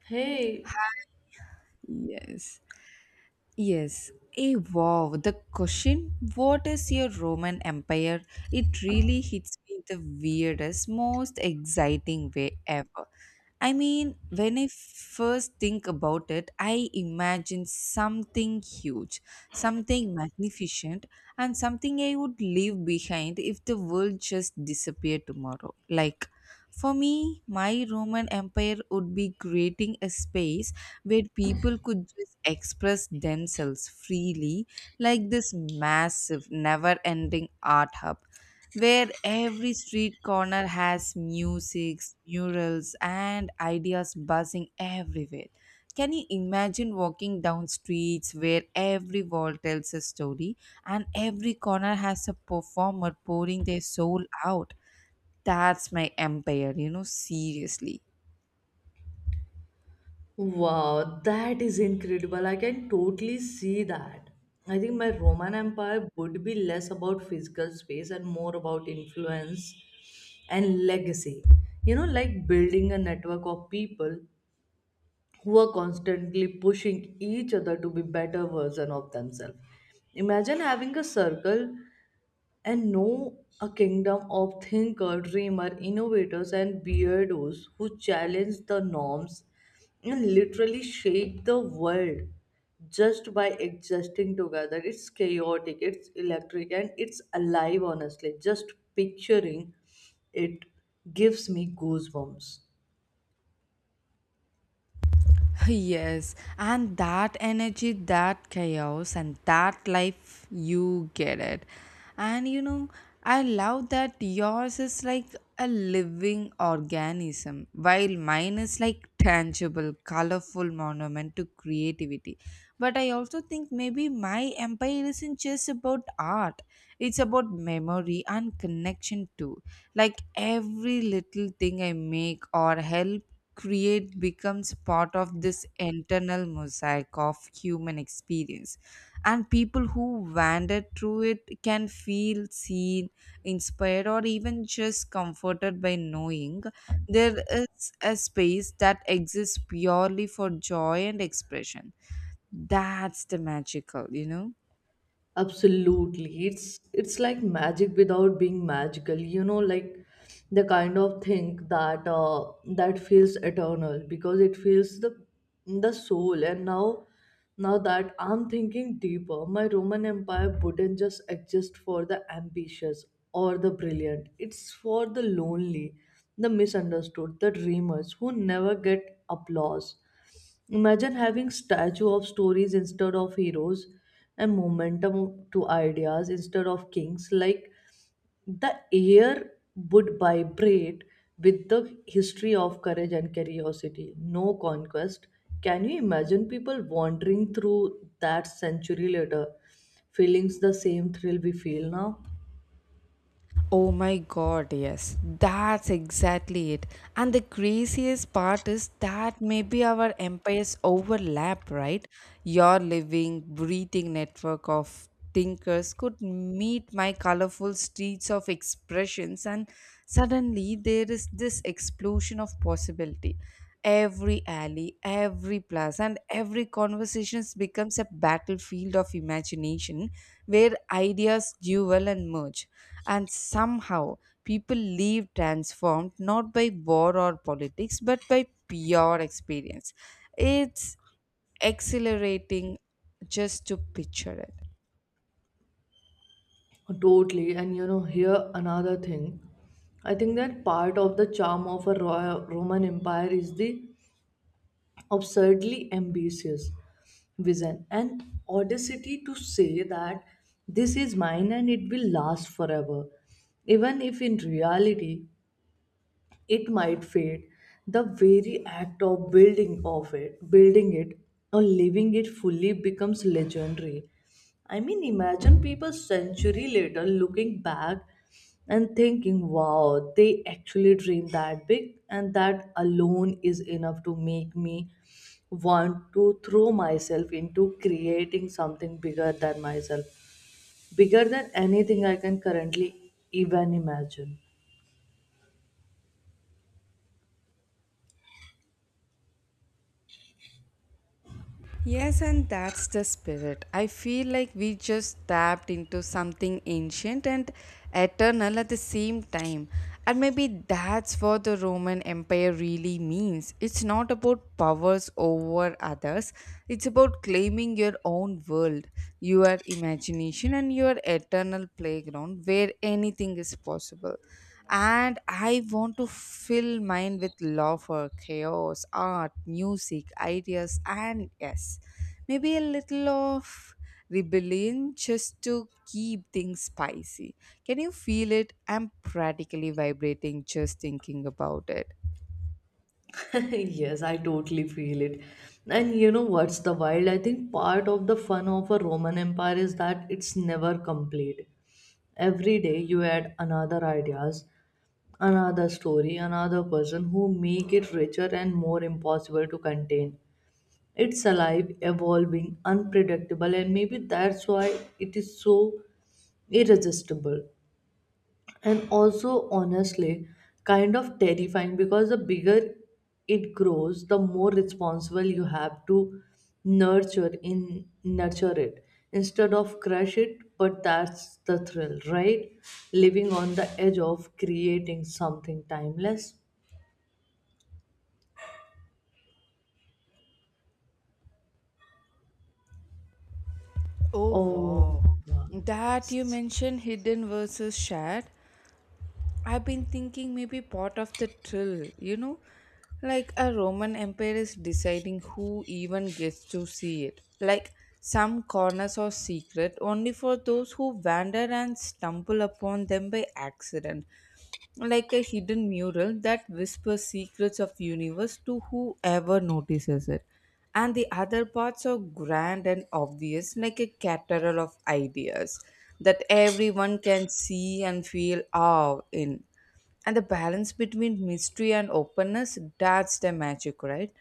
Hey, Yes. Yes. Hey, wow. The question, what is your Roman Empire? It really hits me the weirdest, most exciting way ever. I mean, when I first think about it, I imagine something huge, something magnificent, and something I would leave behind if the world just disappeared tomorrow. Like, for me, my Roman Empire would be creating a space where people could just express themselves freely, like this massive, never ending art hub where every street corner has music, murals, and ideas buzzing everywhere. Can you imagine walking down streets where every wall tells a story and every corner has a performer pouring their soul out? That's my empire, seriously. wow, that is incredible. I can totally see that. I think my Roman Empire would be less about physical space and more about influence and legacy. You know, like building a network of people who are constantly pushing each other to be better version of themselves. Imagine having a circle and know a kingdom of thinker, dreamer, innovators, and beardos who challenge the norms and literally shake the world just by existing together. It's chaotic, it's electric, and it's alive, honestly. Just picturing it gives me goosebumps. Yes, and that energy, that chaos, and that life, you get it. And you know, I love that yours is like a living organism, while mine is like tangible, colorful monument to creativity. But I also think maybe my empire isn't just about art, it's about memory and connection too, like every little thing I make or help create becomes part of this internal mosaic of human experience, and people who wander through it can feel seen, inspired, or even just comforted by knowing there is a space that exists purely for joy and expression. That's the magical. Absolutely. It's like magic without being magical. You know, like the kind of thing that that feels eternal because it feels the soul. And now that I'm thinking deeper, my Roman Empire wouldn't just exist for the ambitious or the brilliant. It's for the lonely, the misunderstood, the dreamers who never get applause. Imagine having statue of stories instead of heroes and momentum to ideas instead of kings. Like the air would vibrate with the history of courage and curiosity. No conquest. Can you imagine people wandering through that century later, feeling the same thrill we feel now? Oh my god, yes, that's exactly it. And the craziest part is that maybe our empires overlap, right? Your living, breathing network of thinkers could meet my colorful streets of expressions, and suddenly there is this explosion of possibility. Every alley, every plaza, and every conversations becomes a battlefield of imagination where ideas duel and merge. And somehow people leave transformed not by war or politics but by pure experience. It's exhilarating just to picture it. Totally. And you know, here another thing. I think that part of the charm of a Roman Empire is the absurdly ambitious vision and audacity to say that this is mine and it will last forever, even if in reality it might fade. The very act of building it or living it fully becomes legendary. I mean, imagine people century later looking back and thinking, wow, they actually dreamed that big, and that alone is enough to make me want to throw myself into creating something bigger than myself, bigger than anything I can currently even imagine. Yes, and that's the spirit. I feel like we just tapped into something ancient and eternal at the same time. And maybe that's what the Roman Empire really means. It's not about powers over others, it's about claiming your own world, your imagination, and your eternal playground where anything is possible. And I want to fill mine with love for chaos, art, music, ideas, and yes, maybe a little of rebellion just to keep things spicy. Can you feel it? I'm practically vibrating just thinking about it. Yes, I totally feel it. And you know what's the wild? I think part of the fun of a Roman Empire is that it's never complete. Every day you add another ideas, another story, another person who make it richer and more impossible to contain. It's alive, evolving, unpredictable, and maybe that's why it is so irresistible, and also honestly kind of terrifying, because the bigger it grows the more responsible you have to nurture it instead of crush it. But that's the thrill, right? Living on the edge of creating something timeless. Oh Oh wow, God. that you Yes. mentioned hidden versus shared. I've been thinking maybe part of the thrill, like a Roman Empire is deciding who even gets to see it. Like some corners are secret only for those who wander and stumble upon them by accident, like a hidden mural that whispers secrets of universe to whoever notices it. And the other parts are grand and obvious, like a cathedral of ideas that everyone can see and feel awe in. And the balance between mystery and openness, that's the magic, right?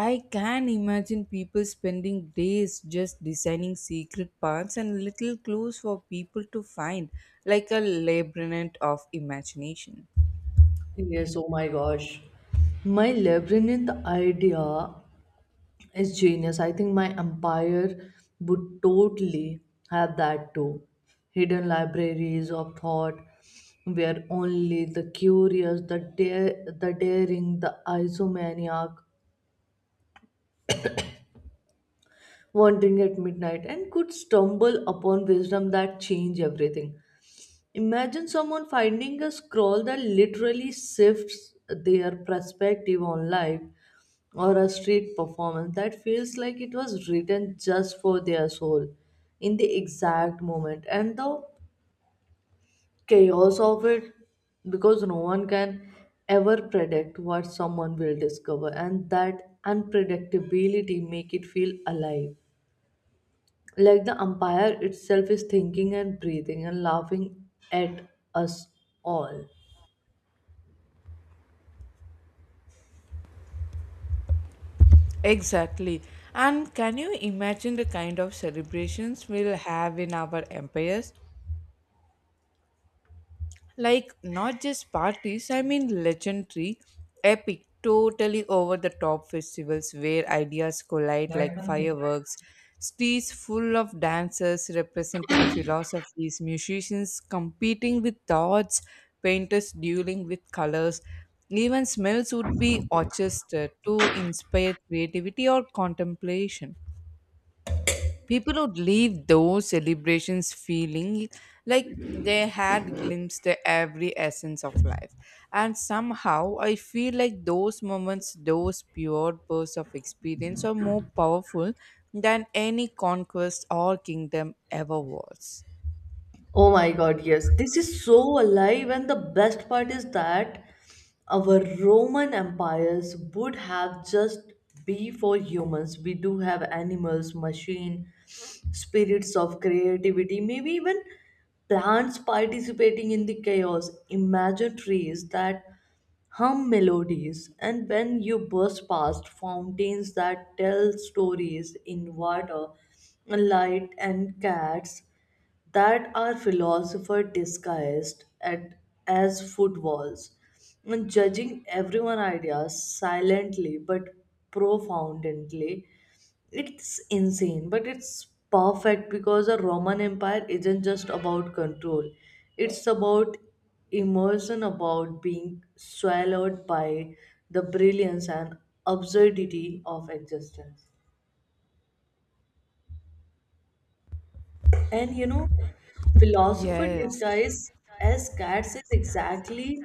I can imagine people spending days just designing secret paths and little clues for people to find, like a labyrinth of imagination. Yes, oh my gosh. My labyrinth idea is genius. I think my empire would totally have that too. Hidden libraries of thought where only the curious, the daring, the isomaniac wandering at midnight and could stumble upon wisdom that change everything. Imagine someone finding a scroll that literally shifts their perspective on life, or a street performance that feels like it was written just for their soul in the exact moment. And the chaos of it, because no one can ever predict what someone will discover, and that unpredictability make it feel alive, like the umpire itself is thinking and breathing and laughing at us all. Exactly. And can you imagine the kind of celebrations we'll have in our empires? Like not just parties, I mean legendary, epic, totally over the top festivals where ideas collide like fireworks, streets full of dancers representing philosophies, musicians competing with thoughts, painters dueling with colors, even smells would be orchestrated to inspire creativity or contemplation. People would leave those celebrations feeling like they had glimpsed every essence of life. And somehow I feel like those moments, those pure bursts of experience are more powerful than any conquest or kingdom ever was. Oh my God, yes. This is so alive, and the best part is that our Roman empires would have just be for humans. We do have animals, machine, spirits of creativity, maybe even plants participating in the chaos. Imagine trees that hum melodies, and when you burst past fountains that tell stories in water, light, and cats that are philosopher disguised as footballs, and judging everyone ideas silently but profoundly. It's insane, but it's perfect, because a Roman empire isn't just about control, it's about immersion, about being swallowed by the brilliance and absurdity of existence. And you know, philosopher Yes. disguised as cats is exactly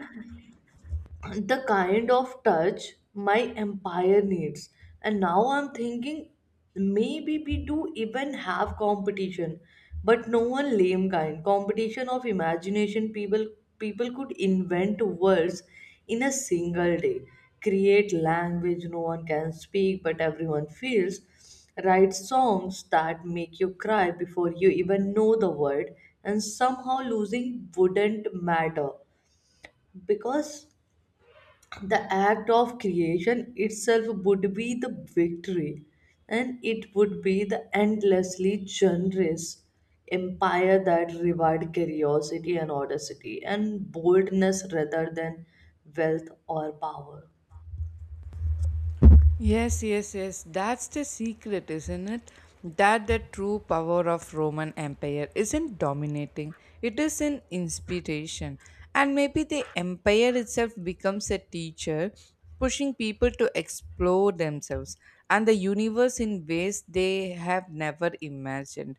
the kind of touch my empire needs. And now I'm thinking maybe we do even have competition, but no one lame kind. Competition of imagination. People could invent words in a single day, create language no one can speak but everyone feels, write songs that make you cry before you even know the word, and somehow losing wouldn't matter because the act of creation itself would be the victory. And it would be the endlessly generous empire that reward curiosity and audacity and boldness rather than wealth or power. Yes, yes, yes. That's the secret, isn't it? That the true power of Roman Empire isn't dominating. It is an inspiration. And maybe the empire itself becomes a teacher, pushing people to explore themselves and the universe in ways they have never imagined.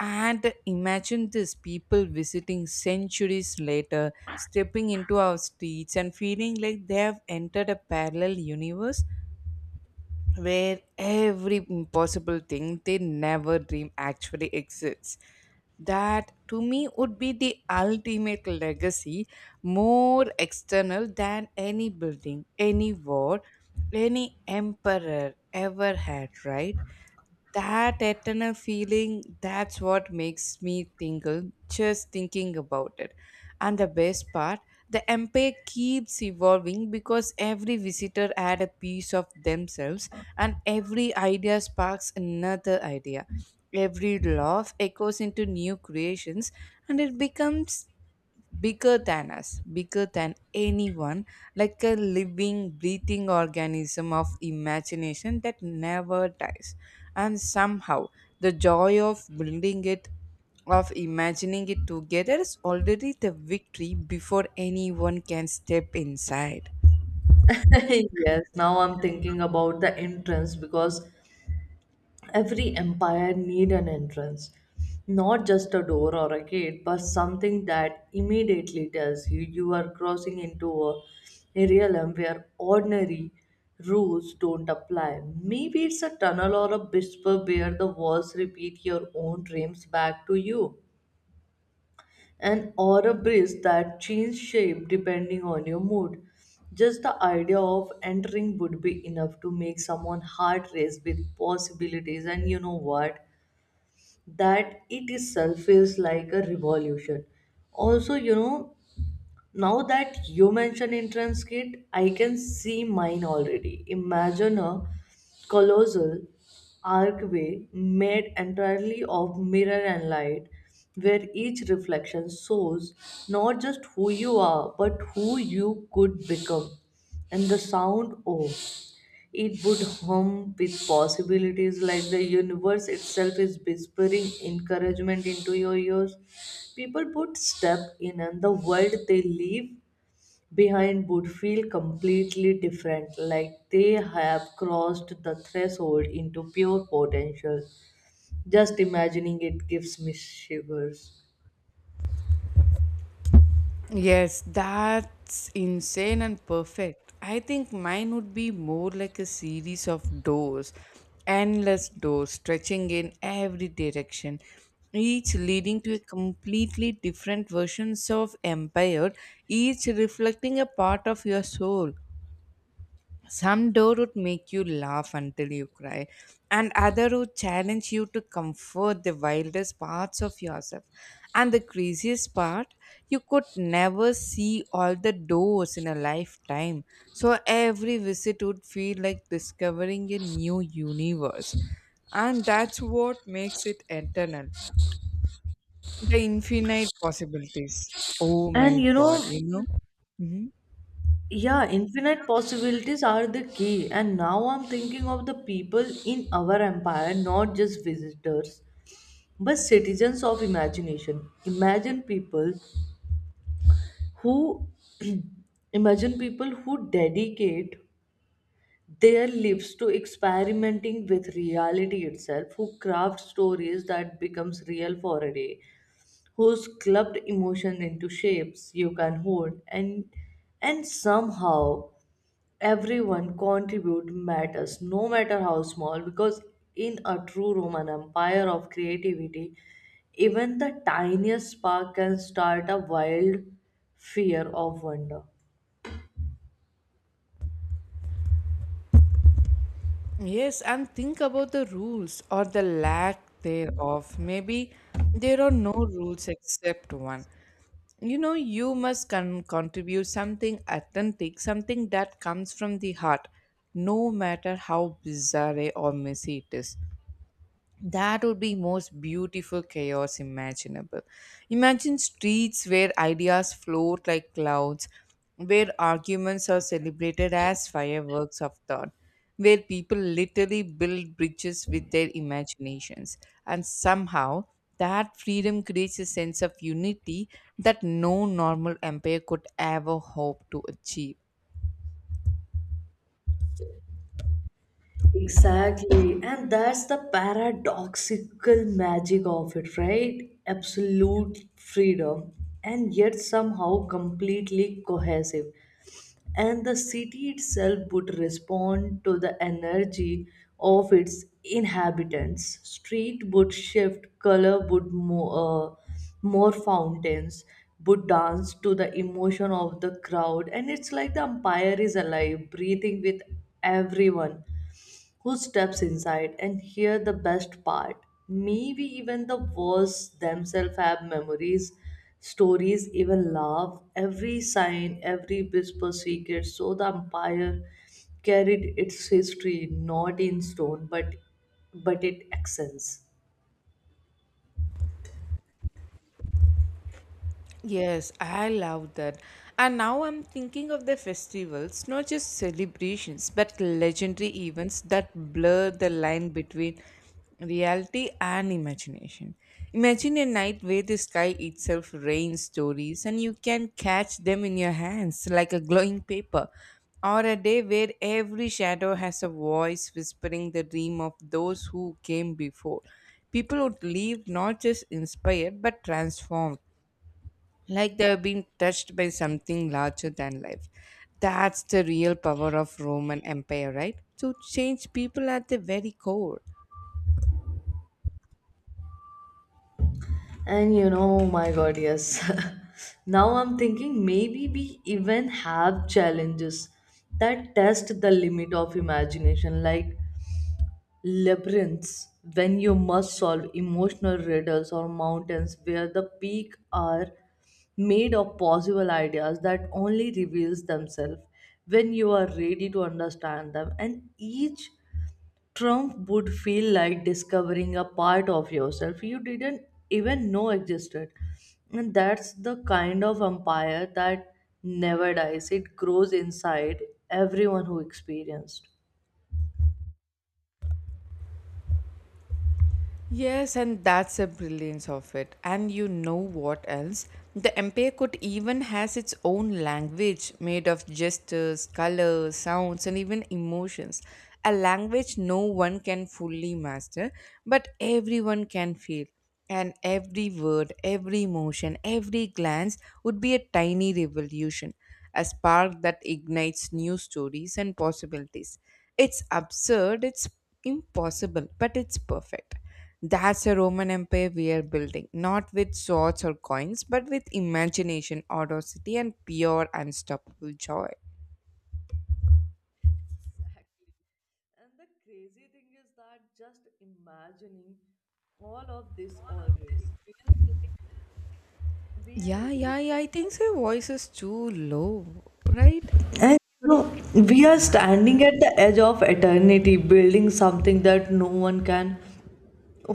And imagine this people visiting centuries later, stepping into our streets and feeling like they have entered a parallel universe where every impossible thing they never dream actually exists. That to me would be the ultimate legacy, more external than any building, any war, any emperor ever had, right? That eternal feeling, that's what makes me tingle just thinking about it. And the best part, the empire keeps evolving because every visitor adds a piece of themselves, and every idea sparks another idea, every laugh echoes into new creations, and it becomes bigger than us, bigger than anyone, like a living, breathing organism of imagination that never dies. And somehow, the joy of building it, of imagining it together, is already the victory before anyone can step inside. Yes, now I'm thinking about the entrance, because every empire need an entrance. Not just a door or a gate, but something that immediately tells you you are crossing into a realm where ordinary rules don't apply. Maybe it's a tunnel or a whisper where the walls repeat your own dreams back to you, and or a breeze that changes shape depending on your mood. Just the idea of entering would be enough to make someone heart race with possibilities, and you know what, that it itself feels like a revolution. Also, you know, now that you mention entrance kit, I can see mine already. Imagine a colossal archway made entirely of mirror and light, where each reflection shows not just who you are, but who you could become. And the sound, oh, it would hum with possibilities, like the universe itself is whispering encouragement into your ears. People would step in, and the world they leave behind would feel completely different, like they have crossed the threshold into pure potential. Just imagining it gives me shivers. Yes, that's insane and perfect. I think mine would be more like a series of doors, endless doors stretching in every direction, each leading to a completely different versions of empire, each reflecting a part of your soul. Some door would make you laugh until you cry, and other would challenge you to comfort the wildest parts of yourself. And the craziest part, you could never see all the doors in a lifetime. So every visit would feel like discovering a new universe. And that's what makes it eternal. The infinite possibilities. Oh my And you god, know, you know? Mhm. yeah, infinite possibilities are the key. And now I'm thinking of the people in our empire, not just visitors, but citizens of imagination. Imagine people who Imagine people who dedicate their lives to experimenting with reality itself, who craft stories that becomes real for a day, who's clubbed emotion into shapes you can hold. And somehow everyone contribute matters, no matter how small, because in a true Roman empire of creativity, even the tiniest spark can start a wild fear of wonder. Yes, and think about the rules or the lack thereof. Maybe there are no rules except one. You know, you must contribute something authentic, something that comes from the heart, no matter how bizarre or messy it is. That would be most beautiful chaos imaginable. Imagine streets where ideas float like clouds, where arguments are celebrated as fireworks of thought, where people literally build bridges with their imaginations, and somehow that freedom creates a sense of unity that no normal empire could ever hope to achieve. Exactly, and that's the paradoxical magic of it, right? Absolute freedom, and yet somehow completely cohesive. And the city itself would respond to the energy of its inhabitants. Street would shift, color would more, fountains would dance to the emotion of the crowd, and it's like the empire is alive, breathing with everyone who steps inside. And hear the best part: maybe even the worst themselves have memories, stories, even love. Every sign, every whisper secret, so the empire carried its history not in stone, but it accents. Yes, I love that. And now I'm thinking of the festivals, not just celebrations, but legendary events that blur the line between reality and imagination. Imagine a night where the sky itself rains stories and you can catch them in your hands like a glowing paper. Or a day where every shadow has a voice whispering the dream of those who came before. People would leave not just inspired but transformed, like they have been touched by something larger than life. That's the real power of Roman Empire, right? To change people at the very core. And you know, oh my God, yes. Now I'm thinking maybe we even have challenges that test the limit of imagination. Like labyrinths when you must solve emotional riddles, or mountains where the peak are made of possible ideas that only reveals themselves when you are ready to understand them. And each trump would feel like discovering a part of yourself you didn't even know existed. And that's the kind of empire that never dies, it grows inside everyone who experienced. Yes, and that's the brilliance of it. And you know what else? The empire could even has its own language made of gestures, colors, sounds, and even emotions. A language no one can fully master, but everyone can feel. And every word, every motion, every glance would be a tiny revolution, a spark that ignites new stories and possibilities. It's absurd, it's impossible, but it's perfect. That's a Roman Empire we are building, not with swords or coins, but with imagination, audacity, and pure, unstoppable joy. And the crazy thing is that just imagining all of this already feels like we are Yeah, living yeah, yeah. it. I think her voice is too low, right? And you What do you- know, we are Yeah. standing at the edge of eternity, building something that no one can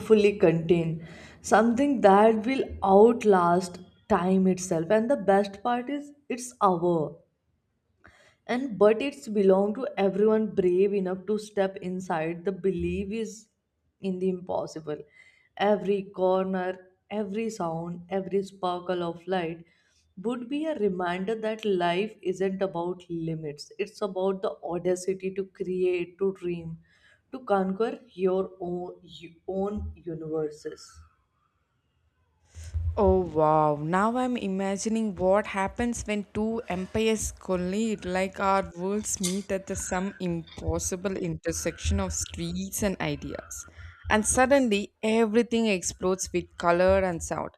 fully contain, something that will outlast time itself. And the best part is, it's our. And but it's belong to everyone brave enough to step inside. The belief is in the impossible. Every corner, every sound, every sparkle of light would be a reminder that life isn't about limits, it's about the audacity to create, to dream, to conquer your own universes. Oh wow, now I'm imagining what happens when two empires collide, like our worlds meet at the some impossible intersection of streets and ideas. And suddenly everything explodes with color and sound.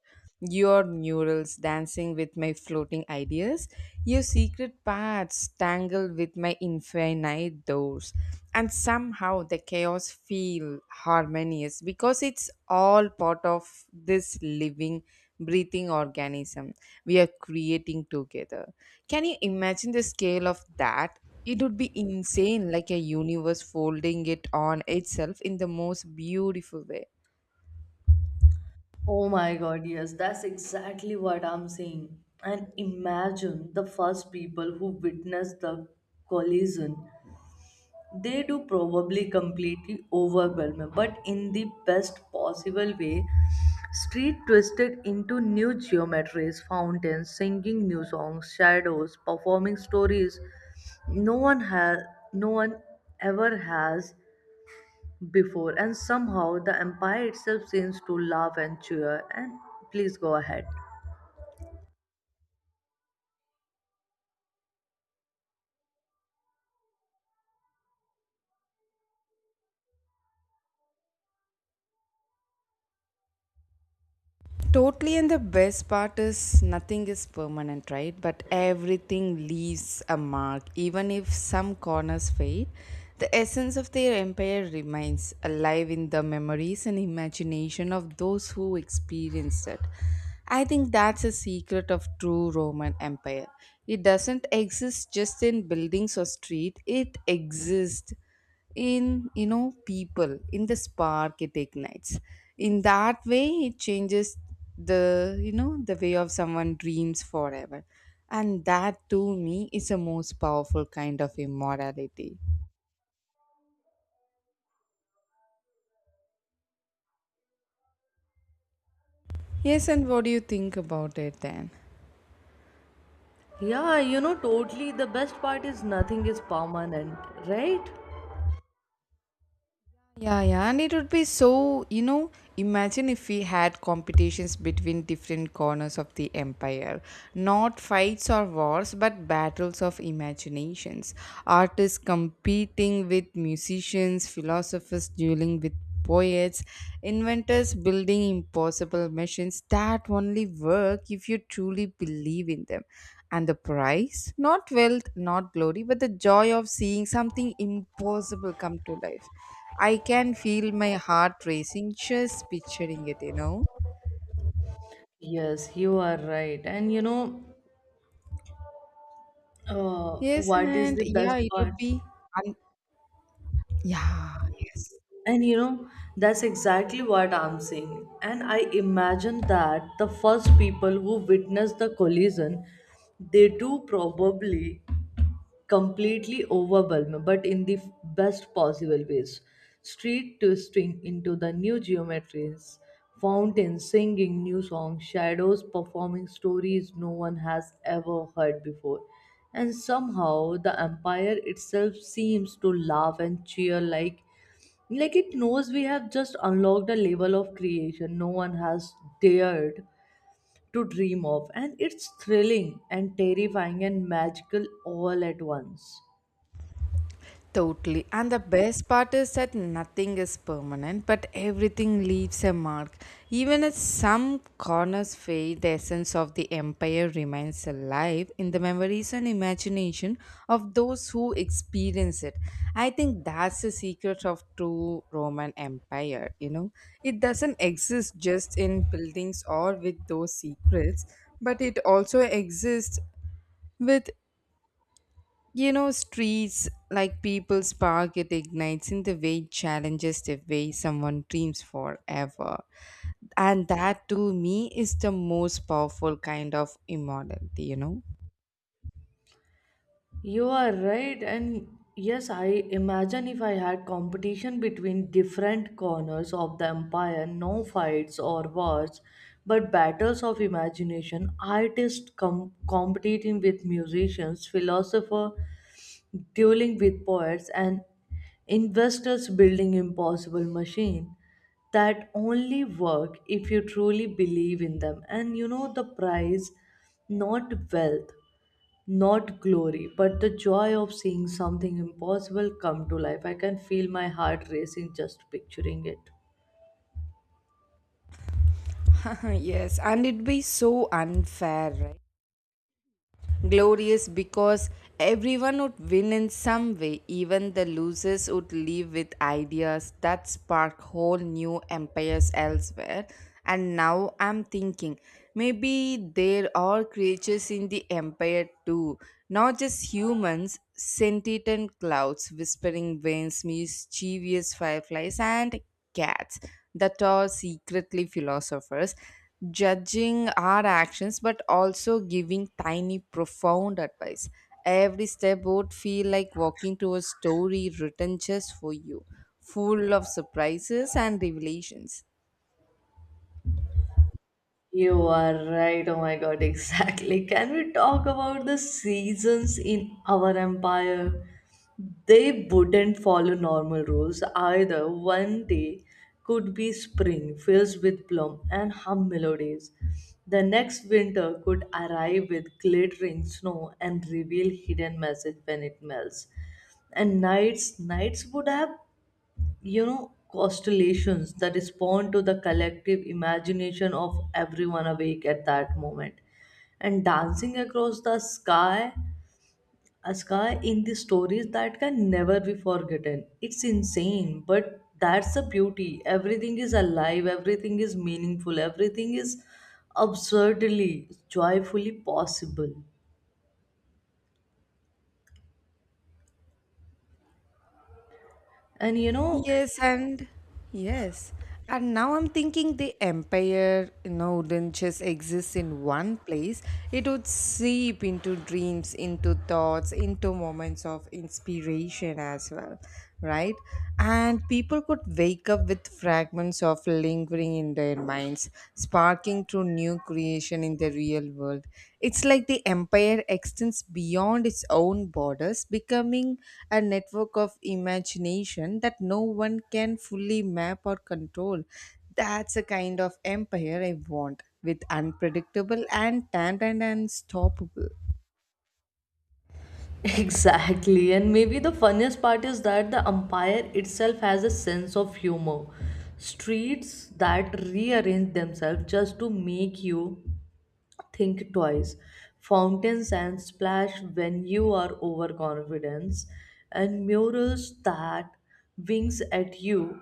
Your murals dancing with my floating ideas, your secret paths tangled with world with my infinite doors. And somehow the chaos feel harmonious because it's all part of this living, breathing organism we are creating together. Can you imagine the scale of that? It would be insane, like a universe folding it on itself in the most beautiful way. Oh my God, yes, that's exactly what I'm saying. And imagine the first people who witness the collision. They do probably completely overwhelmed, but in the best possible way. Street twisted into new geometries, fountains singing new songs, shadows performing stories. No one has, no one ever has before, and somehow the empire itself seems to laugh and cheer. And please go ahead. Totally, and the best part is nothing is permanent, right? But everything leaves a mark. Even if some corners fade, the essence of their empire remains alive in the memories and imagination of those who experienced it. I think that's a secret of true Roman Empire. It doesn't exist just in buildings or street, it exists in, you know, people, in the spark it ignites, in that way it changes the, you know, the way of someone dreams forever. And that to me is the most powerful kind of immortality. Yes, and what do you think about it then? Yeah, you know, totally. The best part is nothing is permanent, right? Yeah, yeah, and it would be so, you know, imagine if we had competitions between different corners of the empire. Not fights or wars, but battles of imaginations. Artists competing with musicians, philosophers dueling with poets, inventors building impossible machines that only work if you truly believe in them. And the prize? Not wealth, not glory, but the joy of seeing something impossible come to life. I can feel my heart racing just picturing it, you know? Yes, you are right. And you know, Yes, what is and the yeah, best it part? would be. Un- yeah, yes. And you know, that's exactly what I'm saying. And I imagine that the first people who witnessed the collision, they do probably completely overwhelmed, but in the best possible ways. Street twisting into the new geometries, fountains singing new songs, shadows performing stories no one has ever heard before. And somehow the empire itself seems to laugh and cheer, like it knows we have just unlocked a level of creation no one has dared to dream of. And it's thrilling and terrifying and magical all at once. Totally. And the best part is that nothing is permanent, but everything leaves a mark. Even if some corners fade, the essence of the empire remains alive in the memories and imagination of those who experience it. I think that's the secret of true Roman Empire, you know. It doesn't exist just in buildings or with those secrets, but it also exists with, you know, streets like people's park, it ignites in the way it challenges the way someone dreams forever. And that to me is the most powerful kind of immortality, you know? You are right, and yes, I imagine if I had competition between different corners of the empire, no fights or wars, but battles of imagination. Artists competing with musicians, philosophers dueling with poets, and investors building impossible machine that only work if you truly believe in them. And you know, the prize: not wealth, not glory, but the joy of seeing something impossible come to life. I can feel my heart racing just picturing it. Yes, and it'd be so unfair, right? Glorious, because everyone would win in some way. Even the losers would leave with ideas that spark whole new empires elsewhere. And now I'm thinking maybe there are creatures in the empire too, not just humans, sentient and clouds, whispering winds, mischievous fireflies, and cats that are secretly philosophers judging our actions but also giving tiny profound advice. Every step would feel like walking through a story written just for you, full of surprises and revelations. You are right. Oh my god, exactly. Can we talk about the seasons in our empire? They wouldn't follow normal rules either. One day could be spring, filled with plum and hum melodies. The next winter could arrive with glittering snow and reveal hidden message when it melts. And nights would have constellations that respond to the collective imagination of everyone awake at that moment, and dancing across the sky, a sky in the stories that can never be forgotten. It's insane, but that's the beauty: everything is alive, everything is meaningful, everything is absurdly, joyfully possible. And you know, Yes, and yes. And now I'm thinking the empire, you know, wouldn't just exist in one place. It would seep into dreams, into thoughts, into moments of inspiration as well, right? And people could wake up with fragments of lingering in their minds, sparking through new creation in the real world. It's like the empire extends beyond its own borders, becoming a network of imagination that no one can fully map or control. That's a kind of empire I want, with unpredictable and timed and unstoppable. exactly, and maybe the funniest part is that the umpire itself has a sense of humor. Streets that rearrange themselves just to make you think twice. Fountains and splash when you are overconfident, and murals that winks at you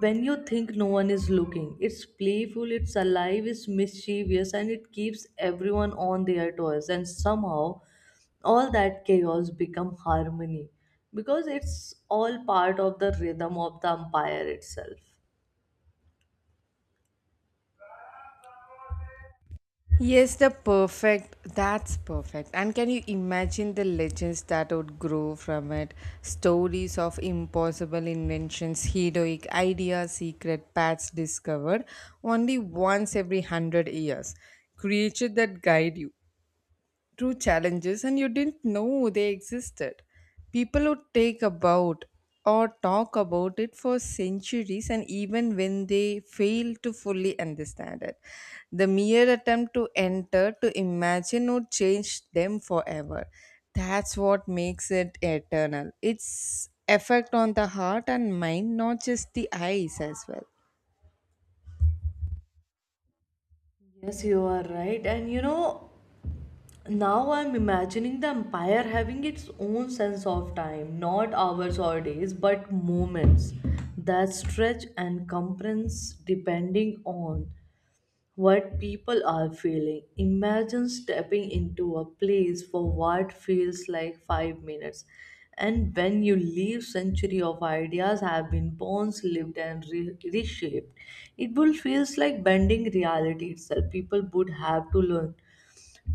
when you think no one is looking. It's playful, it's alive, it's mischievous, and it keeps everyone on their toes. And somehow, all that chaos become harmony because it's all part of the rhythm of the empire itself. Yes, the perfect. That's perfect. And can you imagine the legends that would grow from it? Stories of impossible inventions, heroic ideas, secret paths discovered only once every hundred years. Creatures that guide you true challenges and you didn't know they existed. People would take about or talk about it for centuries, and even when they fail to fully understand it, the mere attempt to enter, to imagine, would change them forever. That's what makes it eternal. Its effect on the heart and mind, not just the eyes, as well. Yes, you are right. And you know, now I'm imagining the empire having its own sense of time, not hours or days, but moments that stretch and compress depending on what people are feeling. Imagine stepping into a place for what feels like 5 minutes. And when you leave, century of ideas have been born, lived, and reshaped. It will feels like bending reality itself. People would have to learn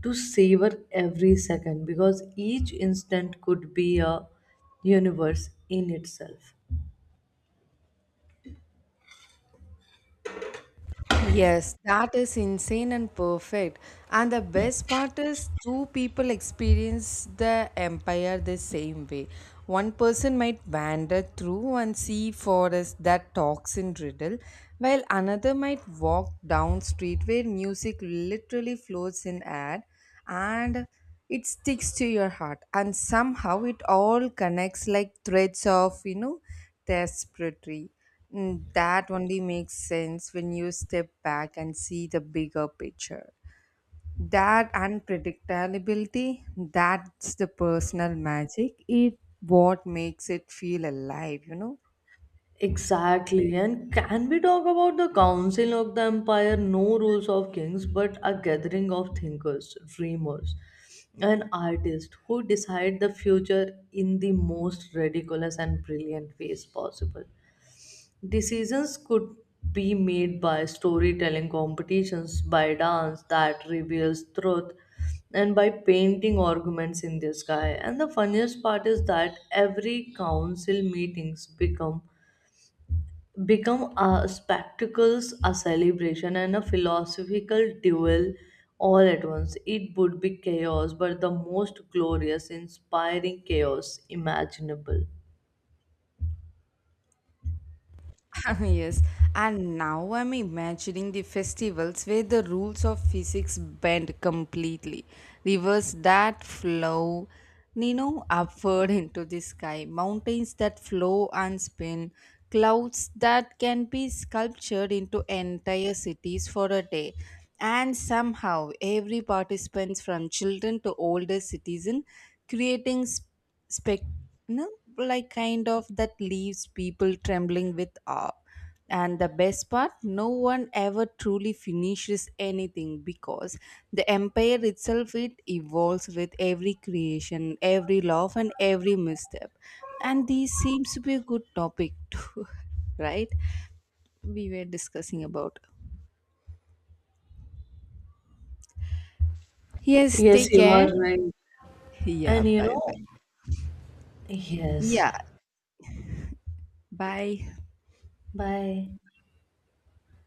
to savor every second, because each instant could be a universe in itself. Yes, that is insane and perfect. And the best part is, two people experience the empire the same way. One person might wander through and see forest that talks in riddle, while another might walk down street where music literally floats in air and it sticks to your heart. And somehow it all connects like threads of, you know, tapestry. Mm, that only makes sense when you step back and see the bigger picture. That unpredictability, that's the personal magic. It what makes it feel alive, you know? Exactly. And can we talk about the Council of the Empire? No rules of kings, but a gathering of thinkers, dreamers, and artists who decide the future in the most ridiculous and brilliant ways possible. Decisions could be made by storytelling competitions, by dance that reveals truth, and by painting arguments in the sky. And the funniest part is that every council meetings become a spectacles, a celebration, and a philosophical duel all at once. It would be chaos, but the most glorious, inspiring chaos imaginable. Yes, and now I'm imagining the festivals where the rules of physics bend completely, rivers that flow, you know, upward into the sky, mountains that flow and spin, clouds that can be sculptured into entire cities for a day. And somehow, every participant from children to older citizen creating spec no, like kind of that leaves people trembling with awe. And the best part, no one ever truly finishes anything because the empire itself, it evolves with every creation, every love, and every misstep. And this seems to be a good topic too. Right, we were discussing about. Yes, Yes, take you are care. right. Yeah, And you bye bye. know, yes. Yeah, bye. Bye.